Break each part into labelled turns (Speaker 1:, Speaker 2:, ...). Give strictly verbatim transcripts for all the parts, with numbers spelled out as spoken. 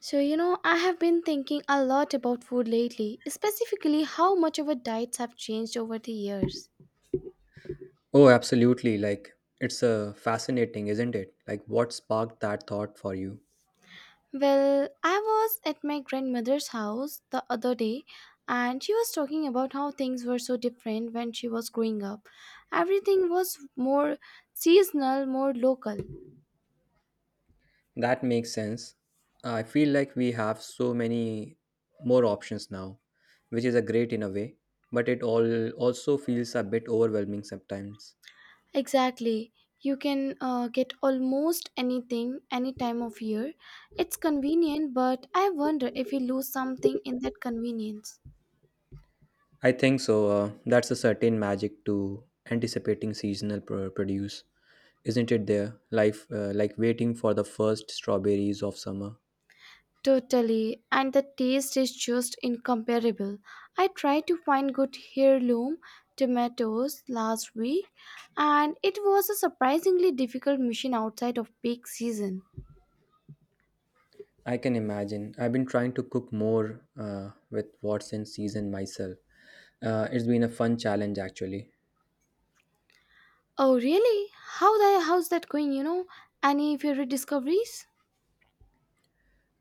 Speaker 1: So, you know, I have been thinking a lot about food lately, specifically how much our diets have changed over the years.
Speaker 2: Oh, absolutely. Like, it's uh, fascinating, isn't it? Like, what sparked that thought for you?
Speaker 1: Well, I was at my grandmother's house the other day and she was talking about how things were so different when she was growing up. Everything was more seasonal, more local.
Speaker 2: That makes sense. I feel like we have so many more options now, which is a great in a way, but it all also feels a bit overwhelming sometimes.
Speaker 1: Exactly. You can uh, get almost anything any time of year. It's convenient, but I wonder if we lose something in that convenience.
Speaker 2: I think so. Uh, that's a certain magic to anticipating seasonal pro- produce, isn't it? There, life uh, like waiting for the first strawberries of summer.
Speaker 1: Totally, and the taste is just incomparable. I tried to find good heirloom tomatoes last week, and it was a surprisingly difficult mission outside of peak season.
Speaker 2: I can imagine. I've been trying to cook more uh, with what's in season myself. Uh, it's been a fun challenge, actually.
Speaker 1: Oh, really? How the how's that going? You know, any favorite discoveries?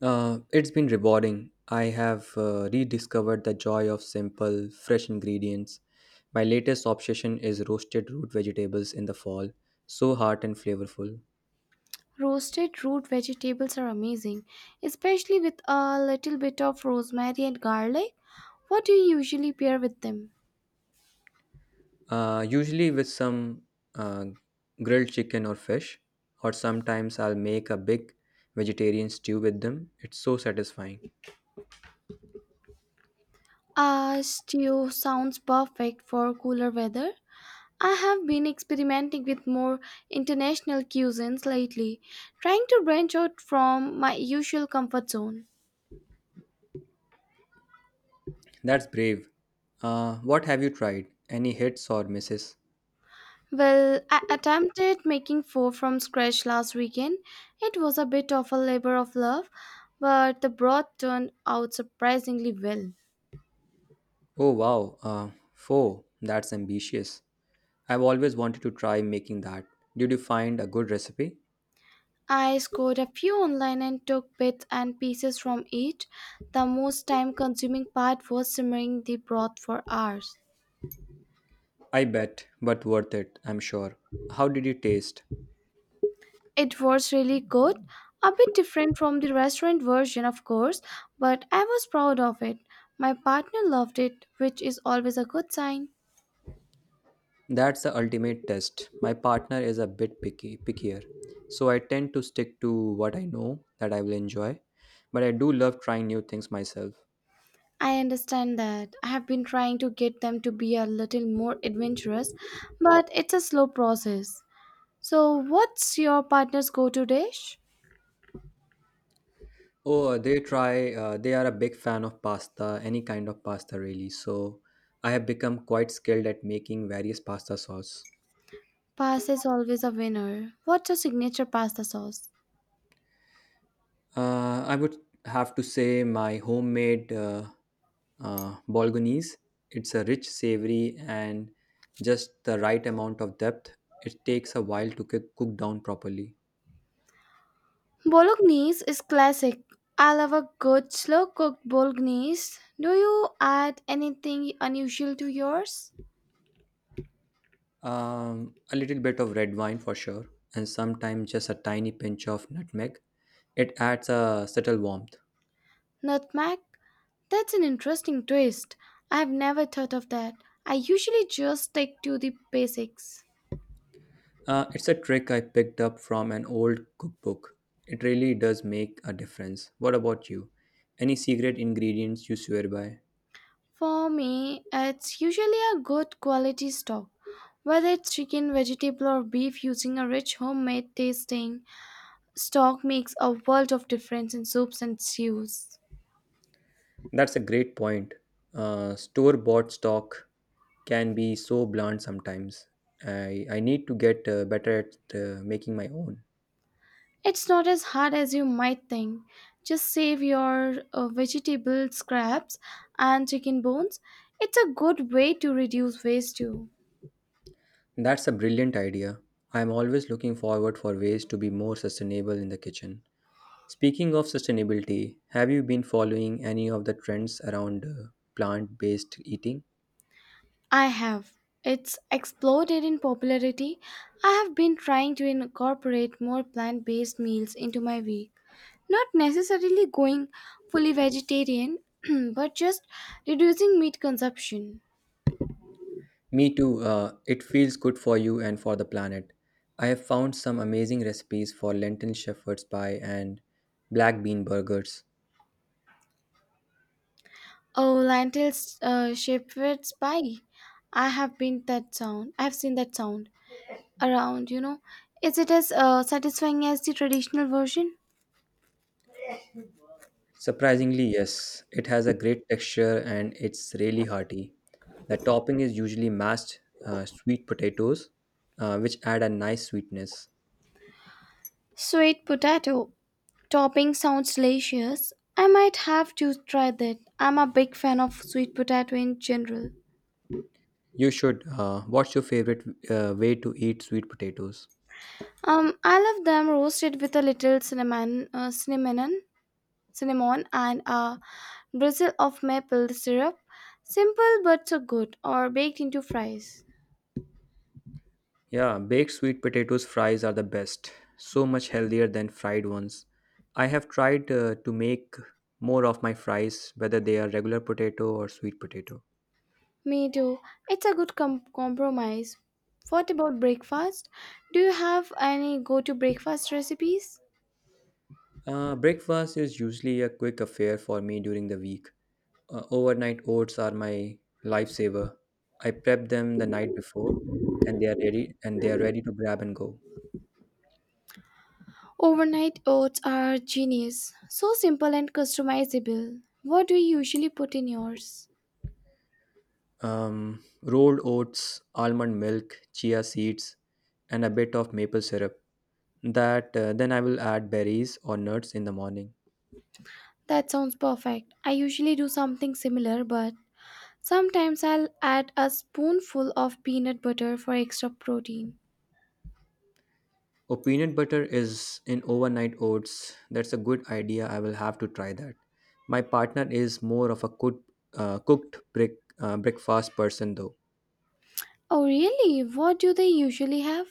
Speaker 2: Uh, it's been rewarding. I have uh, rediscovered the joy of simple, fresh ingredients. My latest obsession is roasted root vegetables in the fall, so heart and flavorful.
Speaker 1: Roasted root vegetables are amazing, especially with a little bit of rosemary and garlic. What do you usually pair with them?
Speaker 2: Uh, usually with some uh, grilled chicken or fish, or sometimes I'll make a big vegetarian stew with them. It's so satisfying.
Speaker 1: Uh, stew sounds perfect for cooler weather. I have been experimenting with more international cuisines lately, trying to branch out from my usual comfort zone.
Speaker 2: That's brave. Uh, what have you tried? Any hits or misses?
Speaker 1: Well, I attempted making four from scratch last weekend. It was a bit of a labor of love, but the broth turned out surprisingly well.
Speaker 2: Oh wow, uh, four. That's ambitious. I've always wanted to try making that. Did you find a good recipe?
Speaker 1: I scored a few online and took bits and pieces from each. The most time consuming part was simmering the broth for hours.
Speaker 2: I bet, but worth it, I'm sure. How did it taste?
Speaker 1: It was really good. A bit different from the restaurant version, of course, but I was proud of it. My partner loved it, which is always a good sign.
Speaker 2: That's the ultimate test. My partner is a bit picky, pickier, so I tend to stick to what I know that I will enjoy, but I do love trying new things myself.
Speaker 1: I understand that. I have been trying to get them to be a little more adventurous, but it's a slow process. So, what's your partner's go to dish?
Speaker 2: Oh, they try, uh, they are a big fan of pasta, any kind of pasta really. So I have become quite skilled at making various pasta sauce.
Speaker 1: Pasta is always a winner. What's your signature pasta sauce?
Speaker 2: Uh, I would have to say my homemade uh, uh, bolognese. It's a rich, savory, and just the right amount of depth. It takes a while to cook cook down properly.
Speaker 1: Bolognese is classic. I love a good slow cooked bolognese. Do you add anything unusual to yours?
Speaker 2: Um, a little bit of red wine for sure, and sometimes just a tiny pinch of nutmeg. It adds a subtle warmth.
Speaker 1: Nutmeg? That's an interesting twist. I've never thought of that. I usually just stick to the basics.
Speaker 2: Uh, it's a trick I picked up from an old cookbook. It really does make a difference. What about you? Any secret ingredients you swear by?
Speaker 1: For me, it's usually a good quality stock, whether it's chicken, vegetable, or beef. Using a rich homemade tasting stock makes a world of difference in soups and stews.
Speaker 2: That's a great point. Uh, Store bought stock can be so bland sometimes. I, I need to get uh, better at uh, making my own.
Speaker 1: It's not as hard as you might think. Just save your uh, vegetable scraps and chicken bones. It's a good way to reduce waste too.
Speaker 2: That's a brilliant idea. I'm always looking forward for ways to be more sustainable in the kitchen. Speaking of sustainability, have you been following any of the trends around uh, plant-based eating?
Speaker 1: I have. It's exploded in popularity. I have been trying to incorporate more plant based meals into my week. Not necessarily going fully vegetarian, but just reducing meat consumption.
Speaker 2: Me too, uh, it feels good for you and for the planet. I have found some amazing recipes for lentil shepherd's pie and black bean burgers.
Speaker 1: Oh, lentils uh, shepherd's pie. I have been that sound. I've seen that sound around, you know. Is it as uh, satisfying as the traditional version?
Speaker 2: Surprisingly, yes, it has a great texture and it's really hearty. The topping is usually mashed uh, sweet potatoes, uh, which add a nice sweetness.
Speaker 1: Sweet potato topping sounds delicious. I might have to try that. I'm a big fan of sweet potato in general.
Speaker 2: You should. Uh, what's your favorite uh, way to eat sweet potatoes?
Speaker 1: Um, I love them roasted with a little cinnamon, uh, cinnamon, cinnamon, and a drizzle of maple syrup. Simple but so good, or baked into fries.
Speaker 2: Yeah, baked sweet potatoes fries are the best. So much healthier than fried ones. I have tried uh, to make more of my fries, whether they are regular potato or sweet potato.
Speaker 1: Me too. It's a good com- compromise. What about breakfast? Do you have any go to breakfast recipes?
Speaker 2: Uh, breakfast is usually a quick affair for me during the week. Uh, overnight oats are my lifesaver. I prep them the night before, and they are ready. And they are ready to grab and go.
Speaker 1: Overnight oats are genius. So simple and customizable. What do you usually put in yours?
Speaker 2: Um, rolled oats, almond milk, chia seeds, and a bit of maple syrup. That uh, Then I will add berries or nuts in the morning.
Speaker 1: That sounds perfect. I usually do something similar, but sometimes I'll add a spoonful of peanut butter for extra protein.
Speaker 2: Oh, peanut butter is in overnight oats. That's a good idea. I will have to try that. My partner is more of a cooked, uh, cooked break, uh, breakfast person though.
Speaker 1: Oh, really? What do they usually have?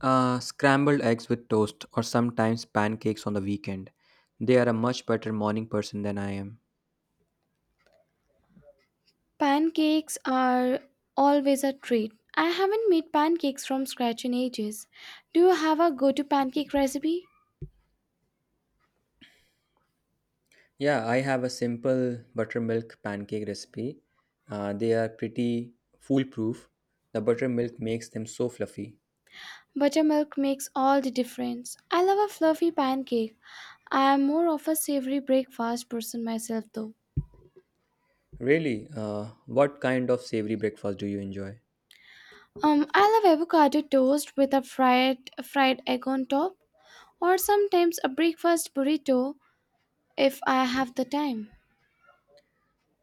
Speaker 2: Uh, scrambled eggs with toast or sometimes pancakes on the weekend. They are a much better morning person than I am.
Speaker 1: Pancakes are always a treat. I haven't made pancakes from scratch in ages. Do you have a go to pancake recipe?
Speaker 2: Yeah, I have a simple buttermilk pancake recipe. Uh, they are pretty foolproof. The buttermilk makes them so fluffy.
Speaker 1: Buttermilk makes all the difference. I love a fluffy pancake. I am more of a savory breakfast person myself though.
Speaker 2: Really, uh, what kind of savory breakfast do you enjoy?
Speaker 1: Um, I love avocado toast with a fried fried egg on top, or sometimes a breakfast burrito if I have the time.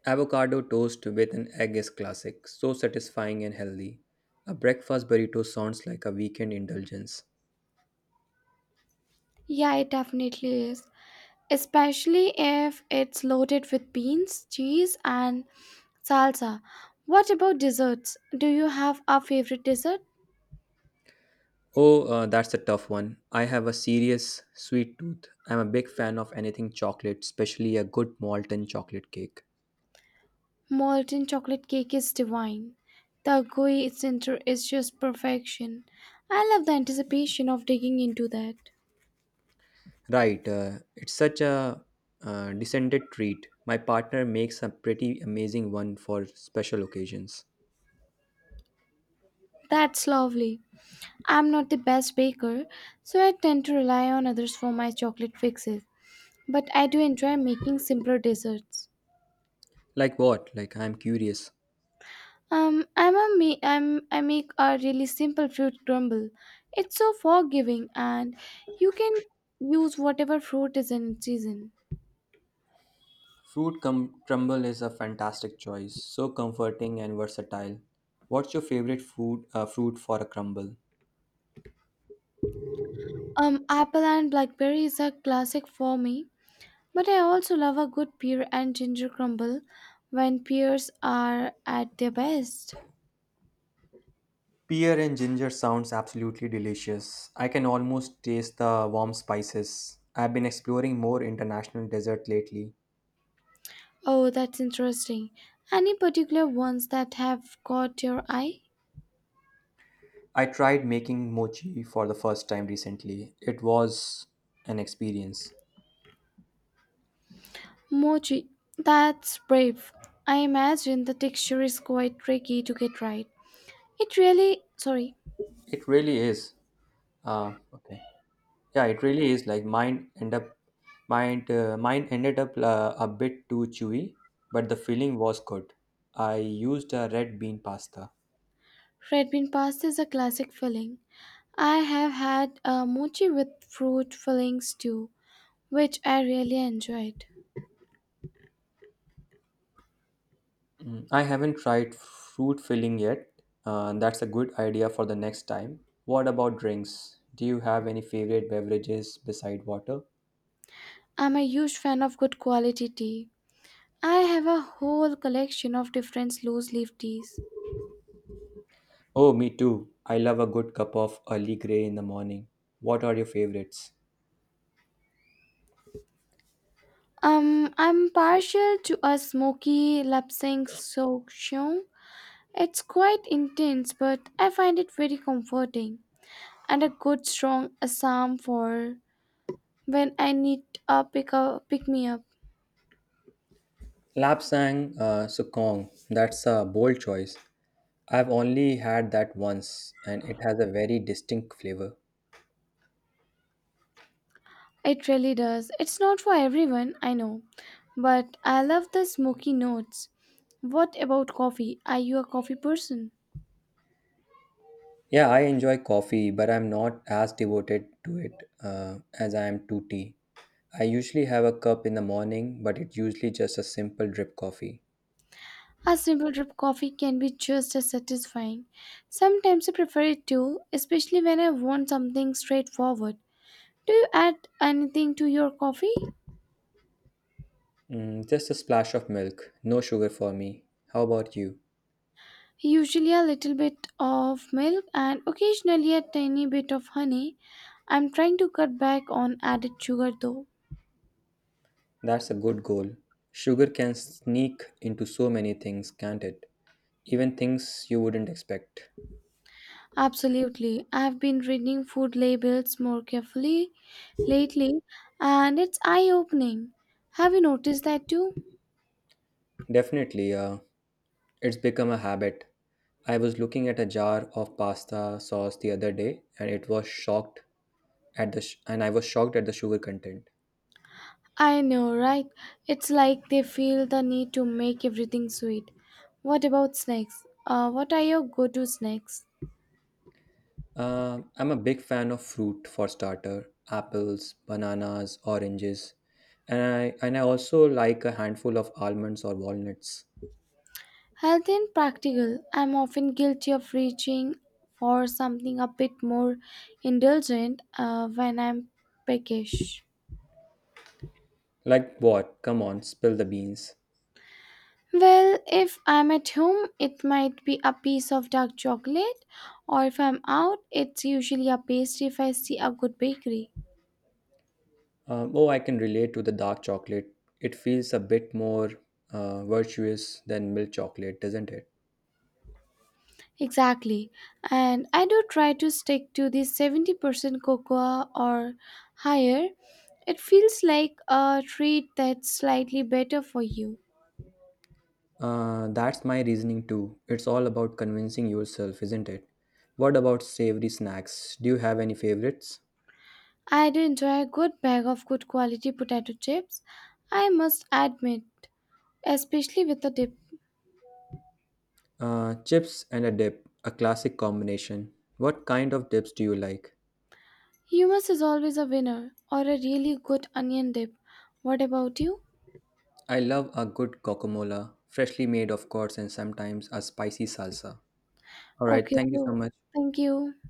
Speaker 2: Avocado toast with an egg is classic, so satisfying and healthy. A breakfast burrito sounds like a weekend indulgence.
Speaker 1: Yeah, it definitely is, especially if it's loaded with beans, cheese, and salsa. What about desserts? Do you have a favorite dessert?
Speaker 2: Oh, uh, that's a tough one. I have a serious sweet tooth. I'm a big fan of anything chocolate, especially a good molten chocolate cake.
Speaker 1: Molten chocolate cake is divine. The gooey center is just perfection. I love the anticipation of digging into that.
Speaker 2: Right, uh, it's such a uh, descended treat. My partner makes a pretty amazing one for special occasions.
Speaker 1: That's lovely. I'm not the best baker, so I tend to rely on others for my chocolate fixes, but I do enjoy making simpler desserts.
Speaker 2: Like what? Like I'm curious.
Speaker 1: Um, I'm a me. I'm I make a really simple fruit crumble. It's so forgiving, and you can use whatever fruit is in season.
Speaker 2: Fruit cum- crumble is a fantastic choice, so comforting and versatile. What's your favorite food uh, fruit for a crumble?
Speaker 1: Um, apple and blackberry is a classic for me, but I also love a good pear and ginger crumble when pears are at their best.
Speaker 2: Pear and ginger sounds absolutely delicious. I can almost taste the warm spices. I've been exploring more international dessert lately.
Speaker 1: Oh, that's interesting. Any particular ones that have caught your eye?
Speaker 2: I tried making mochi for the first time recently. It was an experience.
Speaker 1: Mochi. That's brave. I imagine the texture is quite tricky to get right. It really, sorry,
Speaker 2: It really is. Ah, okay. Yeah, it really is. Like mine end up, mine uh, mine ended up uh, a bit too chewy, but the filling was good. I used a red bean pasta.
Speaker 1: red bean pasta is a classic filling. I have had a mochi with fruit fillings too, which I really enjoyed.
Speaker 2: Mm, I haven't tried fruit filling yet. Uh, that's a good idea for the next time. What about drinks? Do you have any favorite beverages beside water?
Speaker 1: I'm a huge fan of good quality tea. I have a whole collection of different loose leaf teas.
Speaker 2: Oh, me too. I love a good cup of early grey in the morning. What are your favorites?
Speaker 1: Um, I'm partial to a smoky lapsang sochong. It's quite intense, but I find it very comforting and a good strong assam for when I need a pick, up, pick me up.
Speaker 2: Lapsang uh, Sukong. That's a bold choice. I've only had that once and it has a very distinct flavor.
Speaker 1: It really does. It's not for everyone, I know. But I love the smoky notes. What about coffee? Are you a coffee person?
Speaker 2: Yeah, I enjoy coffee, but I'm not as devoted to it uh, as I am to tea. I usually have a cup in the morning, but it's usually just a simple drip coffee.
Speaker 1: A simple drip coffee can be just as satisfying. Sometimes I prefer it too, especially when I want something straightforward. Do you add anything to your coffee?
Speaker 2: Mm, just a splash of milk, no sugar for me. How about you?
Speaker 1: Usually a little bit of milk and occasionally a tiny bit of honey. I'm trying to cut back on added sugar though.
Speaker 2: That's a good goal. Sugar can sneak into so many things, can't it? Even things you wouldn't expect.
Speaker 1: Absolutely. I've been reading food labels more carefully lately, and it's eye-opening. Have you noticed that too?
Speaker 2: Definitely, uh, it's become a habit. I was looking at a jar of pasta sauce the other day, and it was shocked at the sh- and I was shocked at the sugar content.
Speaker 1: I know, right? It's like they feel the need to make everything sweet. What about snacks? Uh, what are your go-to snacks?
Speaker 2: Um, I'm a big fan of fruit for starter, apples, bananas, oranges, and I and I also like a handful of almonds or walnuts.
Speaker 1: Healthy and practical. I'm often guilty of reaching for something a bit more indulgent uh, when I'm peckish.
Speaker 2: Like what? Come on, spill the beans.
Speaker 1: Well, if I'm at home, it might be a piece of dark chocolate, or if I'm out, it's usually a pastry if I see a good bakery.
Speaker 2: Um, oh, I can relate to the dark chocolate. It feels a bit more uh, virtuous than milk chocolate, doesn't it?
Speaker 1: Exactly. And I do try to stick to the seventy percent cocoa or higher. It feels like a treat that's slightly better for you.
Speaker 2: Uh, that's my reasoning too. It's all about convincing yourself, isn't it? What about savory snacks? Do you have any favorites?
Speaker 1: I do enjoy a good bag of good quality potato chips, I must admit, especially with a dip.
Speaker 2: Uh, chips and a dip, a classic combination. What kind of dips do you like?
Speaker 1: Hummus is always a winner, or a really good onion dip. What about you?
Speaker 2: I love a good guacamole, freshly made, of course, and sometimes a spicy salsa. All right,
Speaker 1: Okay,
Speaker 2: thank you
Speaker 1: so
Speaker 2: so much.
Speaker 1: thank you.